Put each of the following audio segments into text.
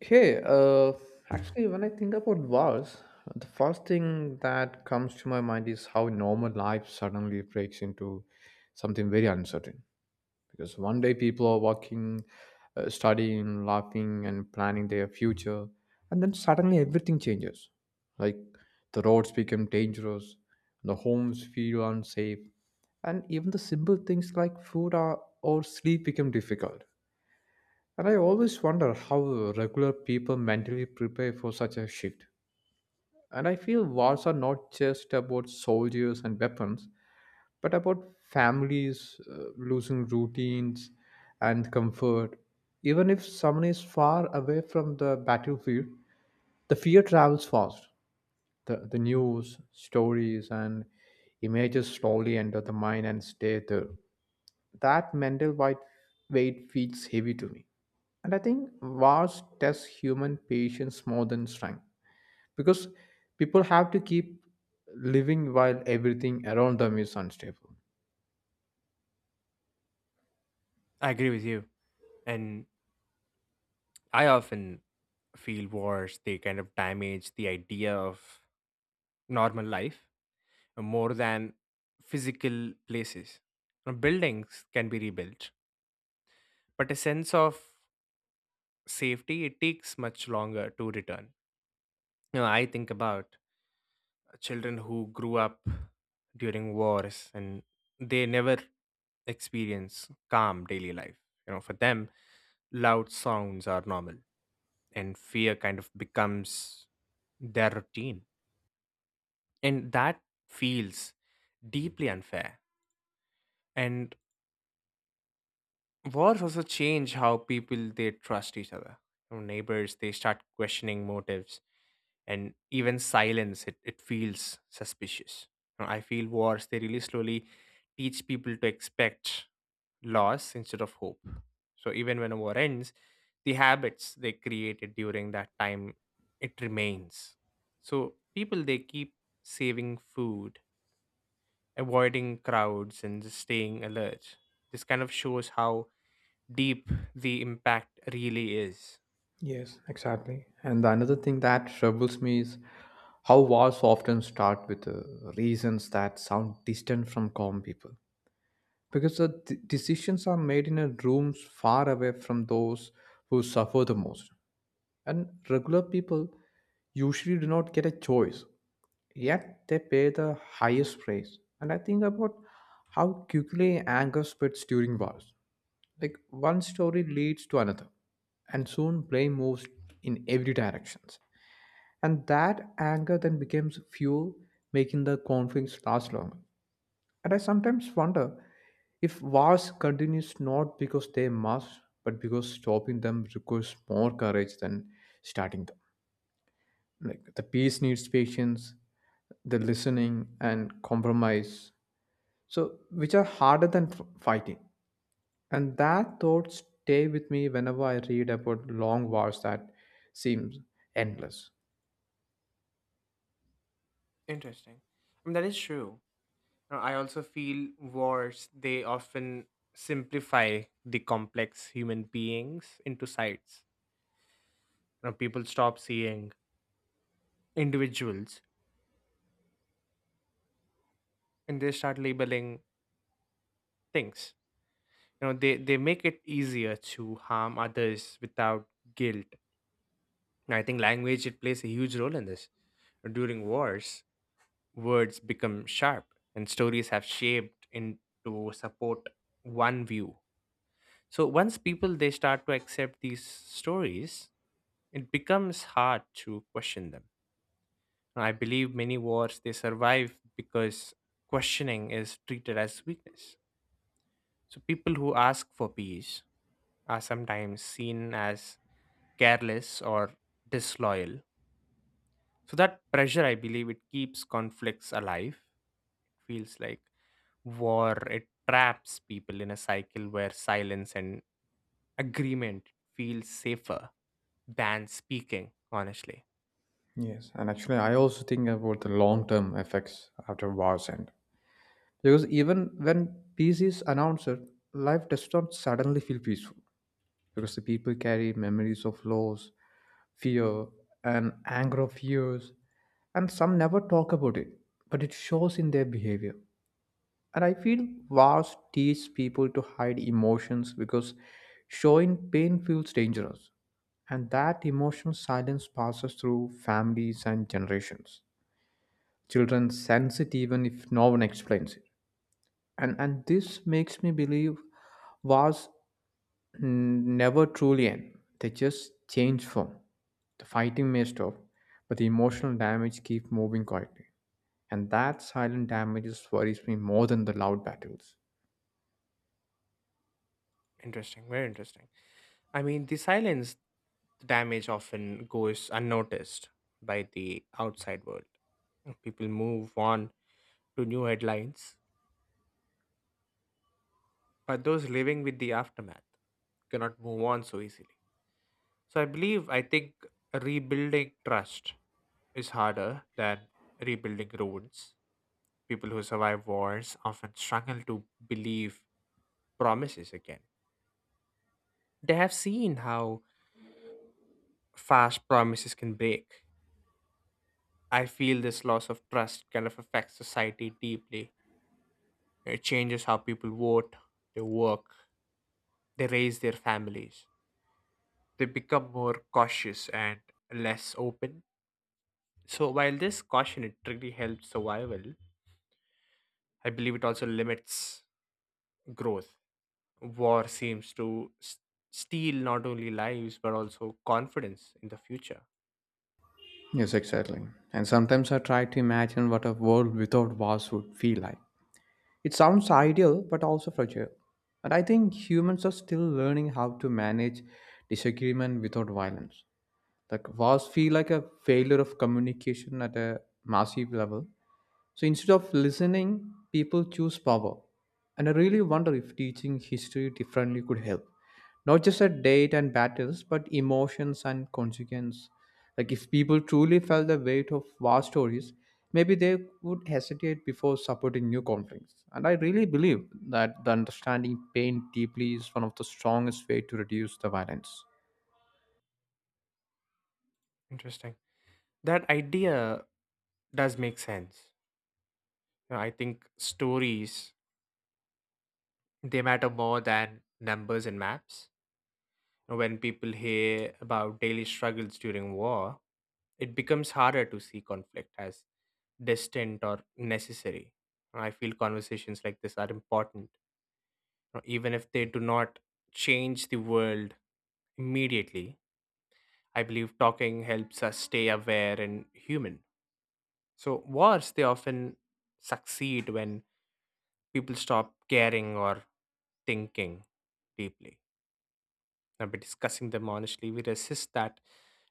Hey, uh, Actually, when I think about wars, the first thing that comes to my mind is how normal life suddenly breaks into something very uncertain. Because one day people are working, studying, laughing, and planning their future, and then suddenly everything changes. Like the roads become dangerous, the homes feel unsafe, and even the simple things like food or sleep become difficult, and I always wonder how regular people mentally prepare for such a shift. And I feel wars are not just about soldiers and weapons, but about families losing routines and comfort. Even if someone is far away from the battlefield, the fear travels fast. The news, stories, and images slowly enter the mind and stay there. That mental white weight feels heavy to me. And I think wars test human patience more than strength because people have to keep living while everything around them is unstable. I agree with you. And I often feel wars, they kind of damage the idea of normal life more than physical places. Now, buildings can be rebuilt, but a sense of safety, it takes much longer to return. I think about children who grew up during wars and they never experience calm daily life. For them, loud sounds are normal and fear kind of becomes their routine. And that feels deeply unfair. And wars also change how people they trust each other. Neighbors they start questioning motives and even silence it, it feels suspicious. I feel wars they really slowly teach people to expect loss instead of hope. So even when a war ends, the habits they created during that time it remains. So people they keep saving food, avoiding crowds, and just staying alert. This kind of shows how deep the impact really is. Yes, exactly. And the another thing that troubles me is how wars often start with reasons that sound distant from common people. Because the decisions are made in a rooms far away from those who suffer the most. And regular people usually do not get a choice. Yet they pay the highest price. And I think about how quickly anger spreads during wars. Like one story leads to another, and soon blame moves in every directions. And that anger then becomes fuel, making the conflicts last longer. And I sometimes wonder if wars continues not because they must, but because stopping them requires more courage than starting them. Like the peace needs patience, the listening and compromise, so which are harder than fighting. And that thought stay with me whenever I read about long wars that seems endless. Interesting. I mean, that is true. Now, I also feel wars, they often simplify the complex human beings into sites. People stop seeing individuals and they start labeling things. They make it easier to harm others without guilt. And I think language it plays a huge role in this. During wars, words become sharp and stories have shaped into support one view. So once people they start to accept these stories, it becomes hard to question them. I believe many wars they survive because questioning is treated as weakness. So people who ask for peace are sometimes seen as careless or disloyal. So that pressure, I believe it keeps conflicts alive. Feels like war. It traps people in a cycle where silence and agreement feels safer than speaking, honestly. Yes, and actually I also think about the long term effects after wars end, because even when peace is announced, life does not suddenly feel peaceful, because the people carry memories of loss, fear, and anger of years, and some never talk about it, but it shows in their behavior. And I feel wars teach people to hide emotions because showing pain feels dangerous. And that emotional silence passes through families and generations. Children sense it even if no one explains it. And this makes me believe wars never truly end, they just change form. The fighting may stop, but the emotional damage keeps moving quietly. And that silent damage worries me more than the loud battles. Interesting, very interesting. I mean, the silence damage often goes unnoticed by the outside world. People move on to new headlines, but those living with the aftermath cannot move on so easily. So I think rebuilding trust is harder than rebuilding roads. People who survive wars often struggle to believe promises again. They have seen how fast promises can break. I feel this loss of trust kind of affects society deeply. It changes how people vote, they work, they raise their families. They become more cautious and less open. So while this caution it really helps survival, I believe it also limits growth. War seems to steal not only lives but also confidence in the future. Yes, exactly. And sometimes I try to imagine what a world without wars would feel like. It sounds ideal, but also fragile. And I think humans are still learning how to manage disagreement without violence. Like wars feel like a failure of communication at a massive level, so instead of listening, people choose power. And I really wonder if teaching history differently could help. Not just at date and battles, but emotions and consequence. Like if people truly felt the weight of war stories, maybe they would hesitate before supporting new conflicts. And I really believe that the understanding pain deeply is one of the strongest way to reduce the violence. Interesting. That idea does make sense. I think stories they matter more than numbers and maps. When people hear about daily struggles during war, it becomes harder to see conflict as distant or necessary. I feel conversations like this are important, you know, even if they do not change the world immediately. I believe talking helps us stay aware and human. So wars, they often succeed when people stop caring or thinking deeply. Now, by discussing them honestly, we resist that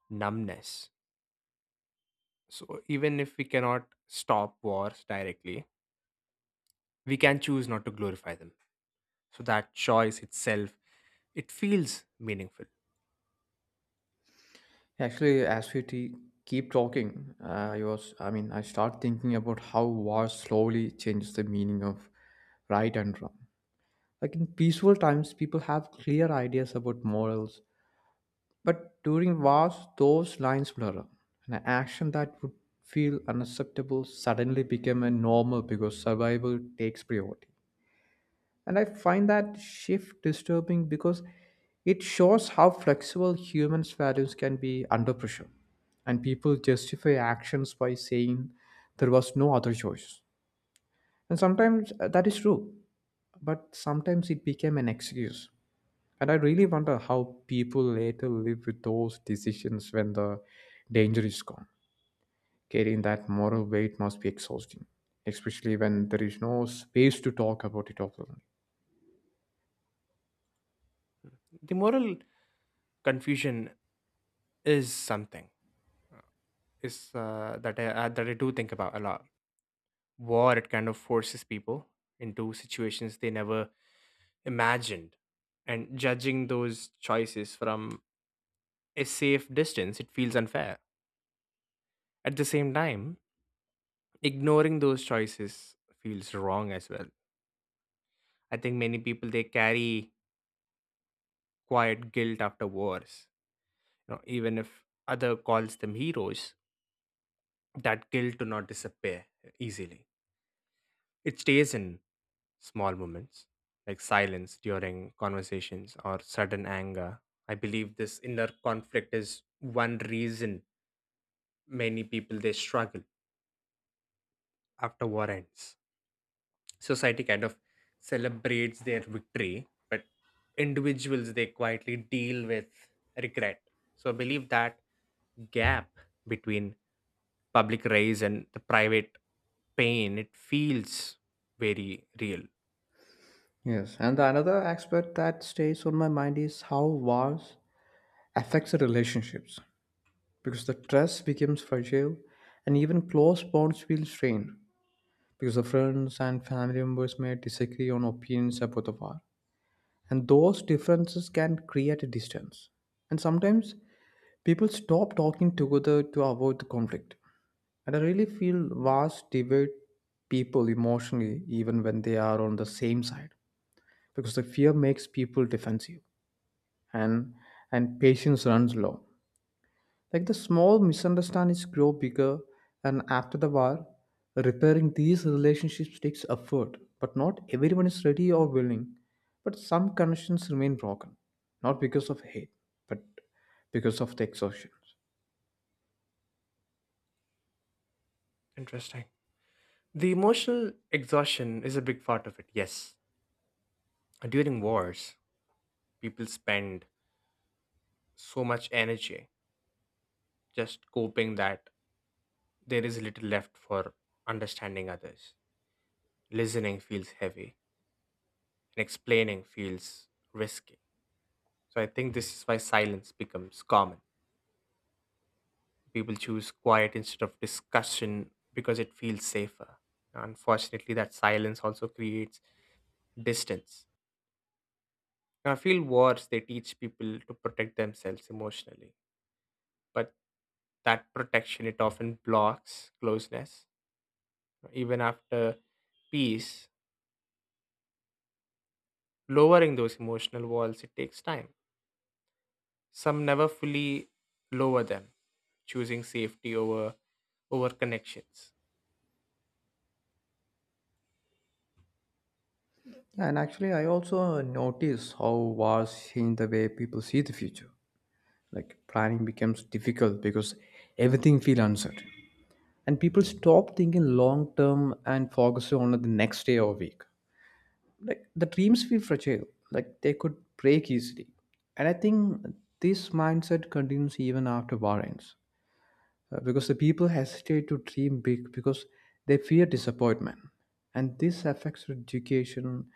numbness. So even if we cannot stop wars directly, we can choose not to glorify them. So that choice itself, it feels meaningful. Actually, as we keep talking, I was, I mean, I start thinking about how war slowly changes the meaning of right and wrong. Like in peaceful times, people have clear ideas about morals, but during wars, those lines blur. An action that would feel unacceptable suddenly became a normal because survival takes priority. And I find that shift disturbing because it shows how flexible humans' values can be under pressure. And people justify actions by saying there was no other choice. And sometimes that is true, but sometimes it became an excuse. And I really wonder how people later live with those decisions when the danger is gone. Carrying that moral weight must be exhausting, especially when there is no space to talk about it openly. The moral confusion is something is that I do think about a lot. War it kind of forces people into situations they never imagined, and judging those choices from a safe distance it feels unfair. At the same time, ignoring those choices feels wrong as well. I think many people they carry quiet guilt after wars. You know, even if other calls them heroes, that guilt do not disappear easily. It stays in small moments, like silence during conversations or sudden anger. I believe this inner conflict is one reason many people they struggle after war ends. Society kind of celebrates their victory, but individuals they quietly deal with regret. So I believe that gap between public raise and the private pain, it feels very real. Yes, and the another aspect that stays on my mind is how wars affects the relationships, because the trust becomes fragile and even close bonds feel strained, because the friends and family members may disagree on opinions about the war, and those differences can create a distance, and sometimes people stop talking together to avoid the conflict. And I really feel wars divide people emotionally even when they are on the same side, because the fear makes people defensive, and and patience runs low. Like the small misunderstandings grow bigger, and after the war, repairing these relationships takes effort. But not everyone is ready or willing. But some connections remain broken, not because of hate, but because of the exhaustion. Interesting. The emotional exhaustion is a big part of it, yes. During wars, people spend so much energy just coping that there is little left for understanding others. Listening feels heavy, and explaining feels risky. So I think this is why silence becomes common. People choose quiet instead of discussion because it feels safer. Unfortunately, that silence also creates distance. Now, I feel wars, they teach people to protect themselves emotionally, but that protection it often blocks closeness even after peace. Lowering those emotional walls it takes time. Some never fully lower them, choosing safety over connections. Yeah, and actually, I also notice how wars change the way people see the future. Like planning becomes difficult because everything feels uncertain. And people stop thinking long term and focus on the next day or week, like the dreams feel fragile, like they could break easily. And I think this mindset continues even after war ends, because the people hesitate to dream big because they fear disappointment, and this affects their education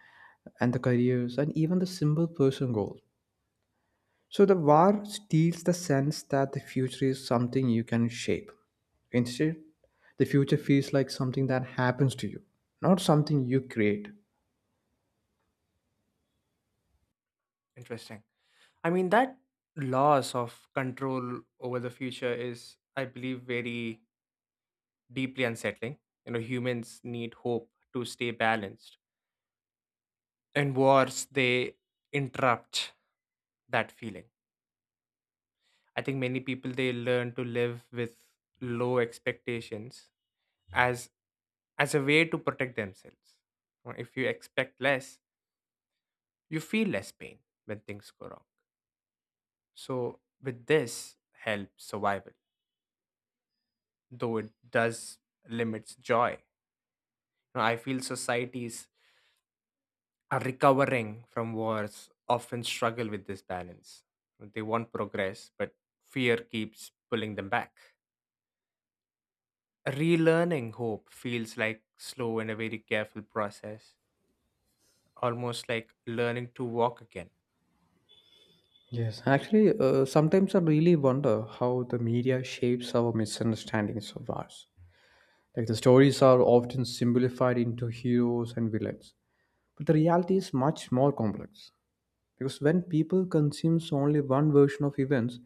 and the careers and even the simple personal goals. So the war steals the sense that the future is something you can shape. Instead, the future feels like something that happens to you, not something you create. Interesting. I mean, that loss of control over the future is, I believe, very deeply unsettling. You know, humans need hope to stay balanced, and wars they interrupt that feeling. I think many people they learn to live with low expectations as as a way to protect themselves. If you expect less, you feel less pain when things go wrong. So with this helps survival, though it does limits joy. Now, I feel societies are recovering from wars often struggle with this balance. They want progress, but fear keeps pulling them back. Relearning hope feels like slow and a very careful process, almost like learning to walk again. Yes, actually, sometimes I really wonder how the media shapes our misunderstandings of wars. Like the stories are often simplified into heroes and villains, but the reality is much more complex. Because when people consumes only one version of events,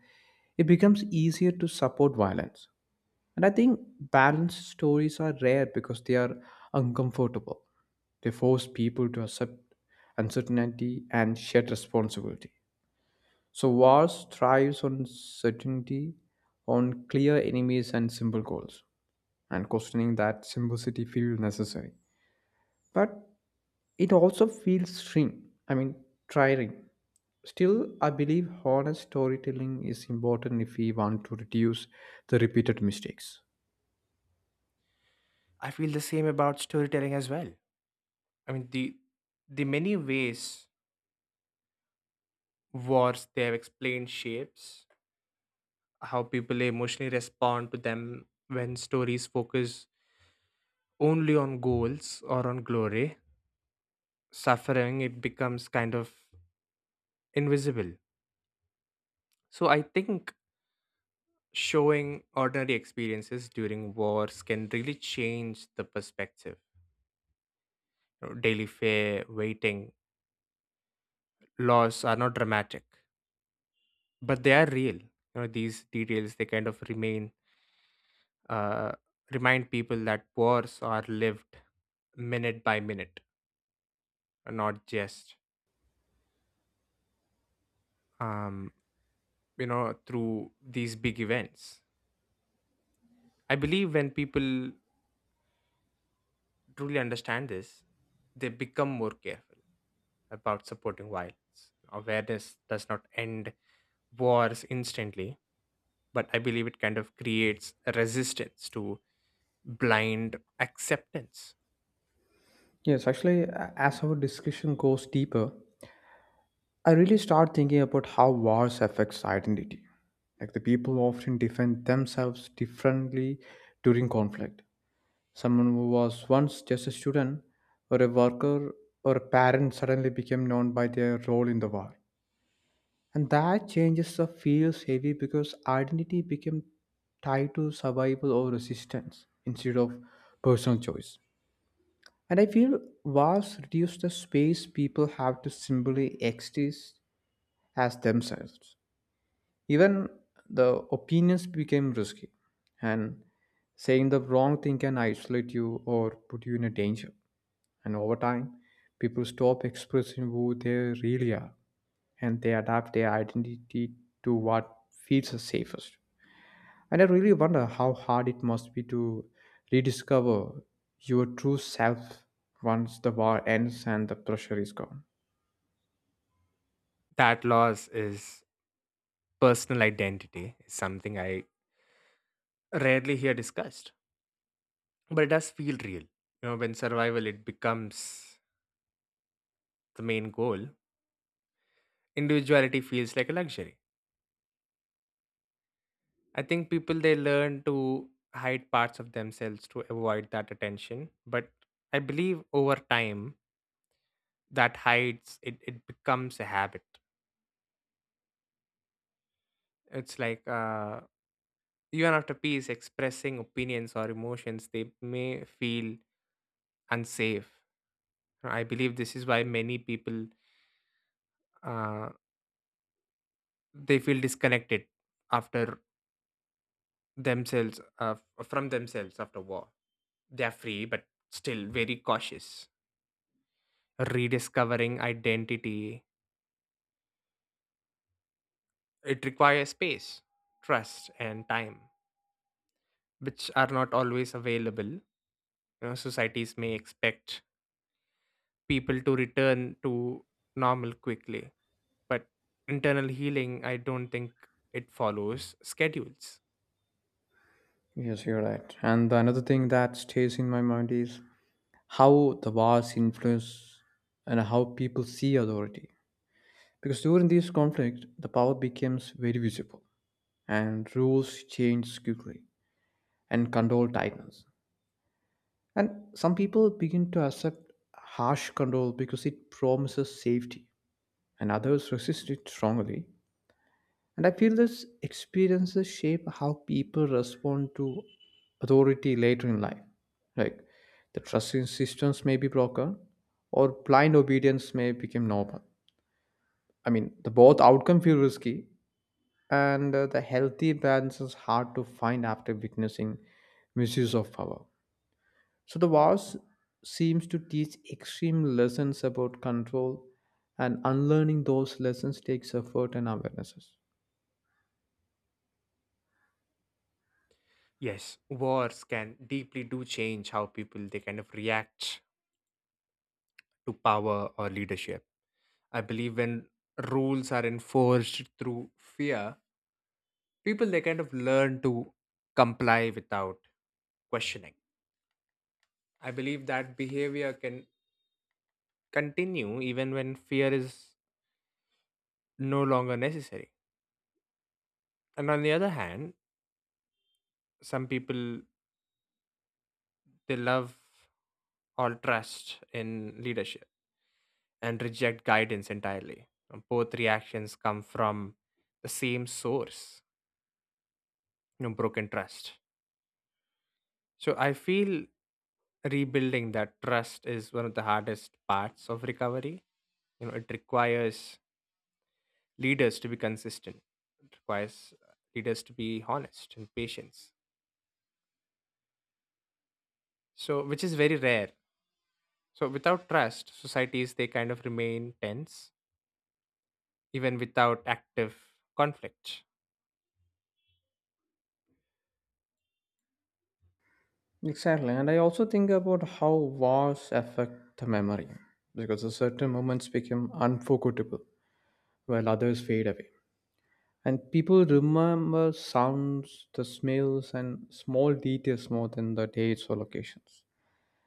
it becomes easier to support violence. And I think balanced stories are rare because they are uncomfortable. They force people to accept uncertainty and shared responsibility. So wars thrives on certainty, on clear enemies and simple goals, and questioning that simplicity feels necessary. But it also feels strange. I mean, tiring. Still, I believe honest storytelling is important if we want to reduce the repeated mistakes. I feel the same about storytelling as well. I mean, the many ways wars they have explained shapes how people emotionally respond to them when stories focus only on goals or on glory. Suffering it becomes kind of invisible. So I think showing ordinary experiences during wars can really change the perspective. You know, daily fare, waiting, loss are not dramatic, but they are real. You know, these details they kind of remain uh, remind people that wars are lived minute by minute, and not just um, you know, through these big events. I believe when people truly understand this, they become more careful about supporting violence. Awareness does not end wars instantly, but I believe it kind of creates a resistance to blind acceptance. Yes, actually, as our discussion goes deeper, I really start thinking about how wars affects identity. Like the people often defend themselves differently during conflict. Someone who was once just a student or a worker or a parent suddenly became known by their role in the war. And that changes the feels heavy because identity became tied to survival or resistance instead of personal choice. And I feel walls reduce the space people have to simply exist as themselves. Even the opinions became risky, and saying the wrong thing can isolate you or put you in a danger. And over time, people stop expressing who they really are, and they adapt their identity to what feels the safest. And I really wonder how hard it must be to rediscover your true self once the war ends and the pressure is gone. That loss is personal identity, is something I rarely hear discussed, but it does feel real. You know, when survival it becomes the main goal, individuality feels like a luxury. I think people they learn to hide parts of themselves to avoid that attention, but I believe over time that hides it, it becomes a habit. It's like Even after peace, expressing opinions or emotions, they may feel unsafe. I believe this is why many people uh, they feel disconnected after themselves from themselves after war. They are free, but still very cautious. Rediscovering identity it requires space, trust, and time, which are not always available. You know, societies may expect people to return to normal quickly, but internal healing, I don't think it follows schedules. Yes, you're right. And another thing that stays in my mind is how the wars influence and how people see authority. Because during this conflict, the power becomes very visible and rules change quickly and control tightens. And some people begin to accept harsh control because it promises safety and others resist it strongly. And I feel these experiences shape how people respond to authority later in life. Like the trust in systems may be broken, or blind obedience may become normal. I mean, the both outcome feel risky, and the healthy balance is hard to find after witnessing misuse of power. So the wars seems to teach extreme lessons about control, and unlearning those lessons takes effort and awarenesses. Yes, wars can deeply do change how people they kind of react to power or leadership. I believe when rules are enforced through fear, people they kind of learn to comply without questioning. I believe that behavior can continue even when fear is no longer necessary. And on the other hand, some people they love all trust in leadership and reject guidance entirely. Both reactions come from the same source, you know, broken trust. So I feel rebuilding that trust is one of the hardest parts of recovery. You know, it requires leaders to be consistent. It requires leaders to be honest and patience. So which is very rare. So without trust, societies they kind of remain tense, even without active conflict. Exactly, and I also think about how wars affect the memory, because a certain moments become unforgettable while others fade away. And people remember sounds, the smells, and small details more than the dates or locations.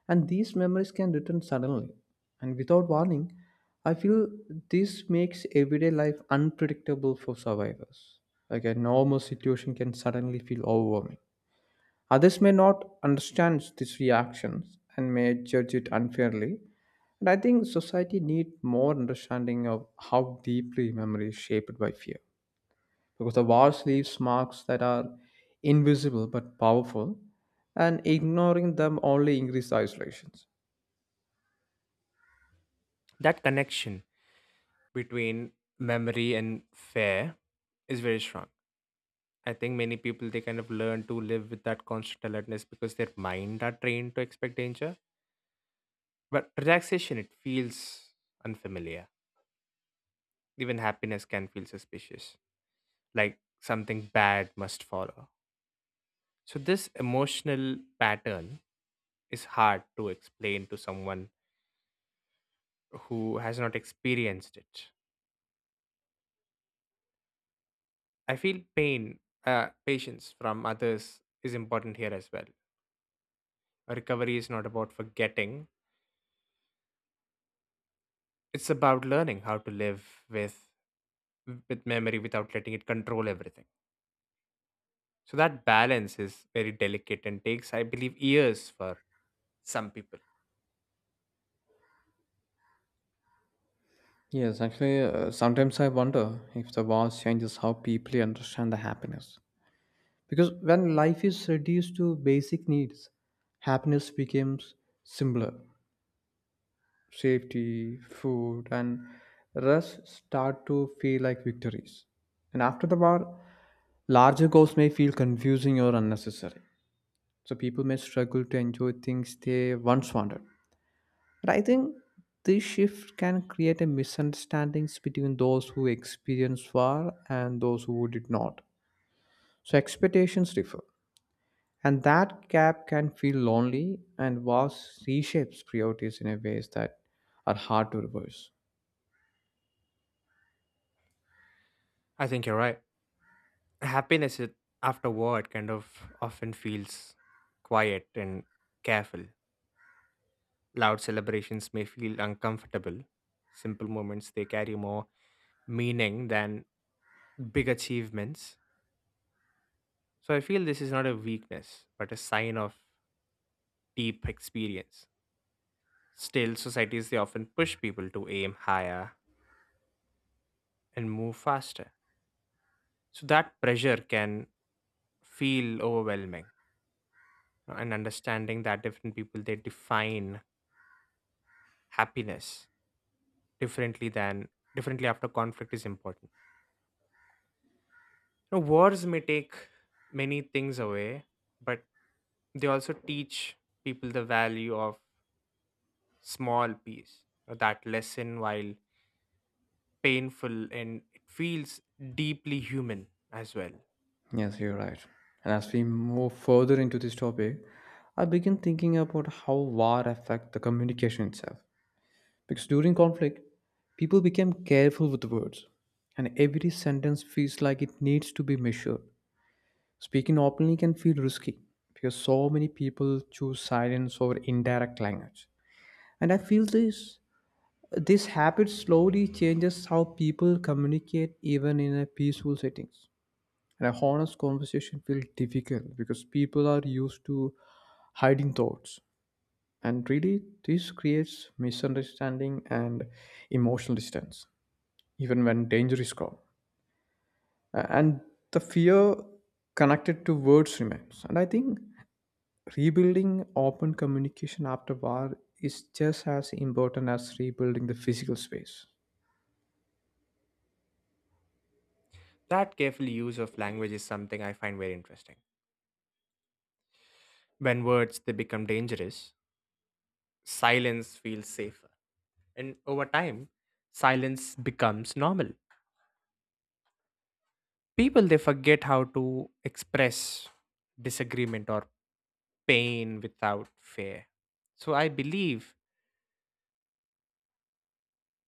And these memories can return suddenly and without warning. I feel this makes everyday life unpredictable for survivors. Like a normal situation can suddenly feel overwhelming. Others may not understand these reactions and may judge it unfairly. And I think society needs more understanding of how deeply memory is shaped by fear. Because the wars leaves marks that are invisible but powerful, and ignoring them only increases isolations. That connection between memory and fear is very strong. I think many people they kind of learn to live with that constant alertness because their mind are trained to expect danger. But relaxation it feels unfamiliar. Even happiness can feel suspicious, like something bad must follow. So this emotional pattern is hard to explain to someone who has not experienced it. I feel patience from others is important here as well. Recovery is not about forgetting. It's about learning how to live with memory without letting it control everything. So that balance is very delicate and takes, I believe, years for some people. Yes, actually, sometimes I wonder if the wars changes how people understand the happiness. Because when life is reduced to basic needs, happiness becomes simpler. Safety, food, and rest start to feel like victories. And after the war, larger goals may feel confusing or unnecessary. So people may struggle to enjoy things they once wanted. But I think this shift can create a misunderstandings between those who experienced war and those who did not. So expectations differ. And that gap can feel lonely, and wars reshapes priorities in a ways that are hard to reverse. I think you're right. happiness it- Afterward kind of often feels quiet and careful. Loud celebrations may feel uncomfortable. Simple moments they carry more meaning than big achievements. So I feel this is not a weakness but a sign of deep experience. Still, societies they often push people to aim higher and move faster. So that pressure can feel overwhelming. And understanding that different people they define happiness differently than differently after conflict is important. You wars may take many things away, but they also teach people the value of small peace. That lesson, while painful, and it feels deeply human as well. Yes, you're right. And as we move further into this topic, I begin thinking about how war affect the communication itself. Because during conflict, people became careful with words, and every sentence feels like it needs to be measured. Speaking openly can feel risky because so many people choose silence over indirect language. And I feel this habit slowly changes how people communicate even in a peaceful settings. And a honest conversation feels difficult because people are used to hiding thoughts. And really, this creates misunderstanding and emotional distance, even when danger is gone. And the fear connected to words remains. And I think rebuilding open communication after war is just as important as rebuilding the physical space. That careful use of language is something I find very interesting. When words they become dangerous, silence feels safer. And over time, silence becomes normal. People they forget how to express disagreement or pain without fear. So I believe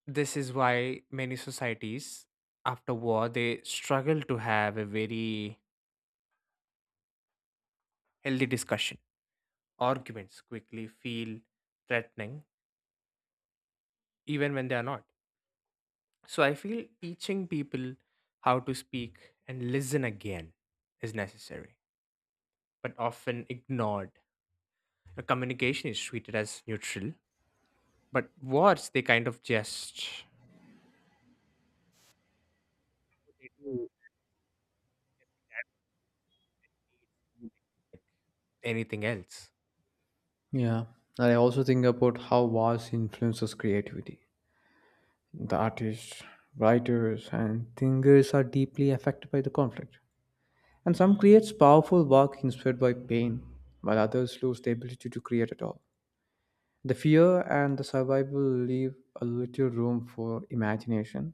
this is why many societies after war they struggle to have a very healthy discussion. Arguments quickly feel threatening even when they are not. So I feel teaching people how to speak and listen again is necessary, but often ignored. Communication is treated as neutral, but words, they kind of just they do anything else. Yeah. And I also think about how wars influences creativity. The artists, writers, and thinkers are deeply affected by the conflict. And some creates powerful work inspired by pain, while others lose the ability to create at all. The fear and the survival leave a little room for imagination.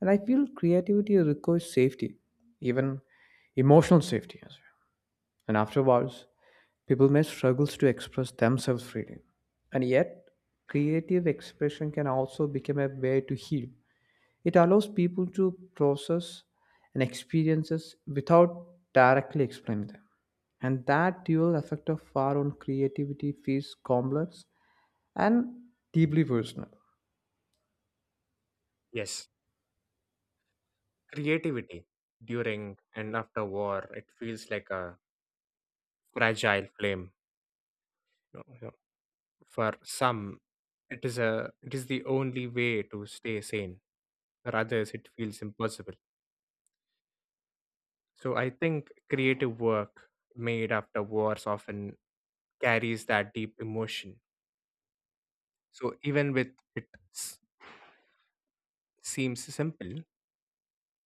And I feel creativity requires safety, even emotional safety as well. And afterwards, people may struggle to express themselves freely. And yet, creative expression can also become a way to heal. It allows people to process and experiences without directly explaining them. And that dual effect of our own creativity feels complex and deeply personal. Yes. Creativity during and after war, it feels like a fragile flame. You know, you know, For some, it is the only way to stay sane. For others, it feels impossible. So I think creative work made after wars often carries that deep emotion. So even with it s- seems simple,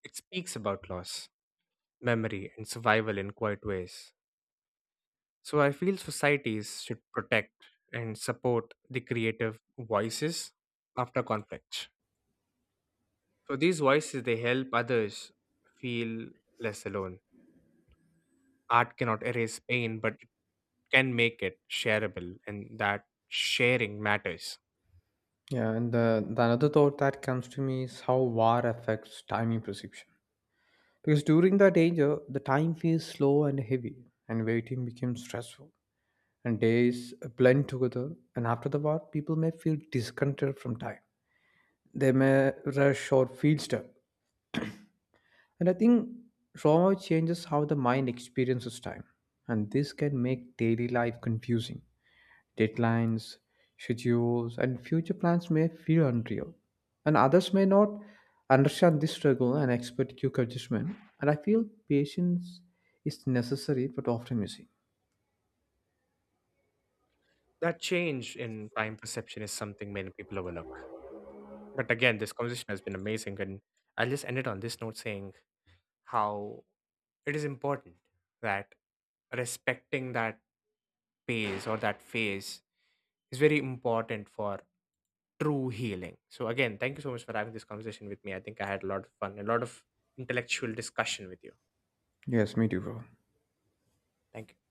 it speaks about loss, memory, and survival in quiet ways. So I feel societies should protect and support the creative voices after conflict. So these voices they help others feel less alone. Art cannot erase pain, but it can make it shareable, and that sharing matters. Yeah, and the another thought that comes to me is how war affects timing perception. Because during the danger, the time feels slow and heavy, and waiting becomes stressful. And days blend together, and after the war, people may feel disconnected from time. They may rush or feel stuck. And I think trauma changes how the mind experiences time, and this can make daily life confusing. Deadlines, schedules, and future plans may feel unreal, and others may not understand this struggle and expect quick adjustment. And I feel patience is necessary but often missing. That change in time perception is something many people overlook. But again, this conversation has been amazing. And I'll just end it on this note, saying how it is important that respecting that pace or that phase is very important for true healing. So again, thank you so much for having this conversation with me. I think I had a lot of fun, a lot of intellectual discussion with you. Yes, me too, bro. Thank you.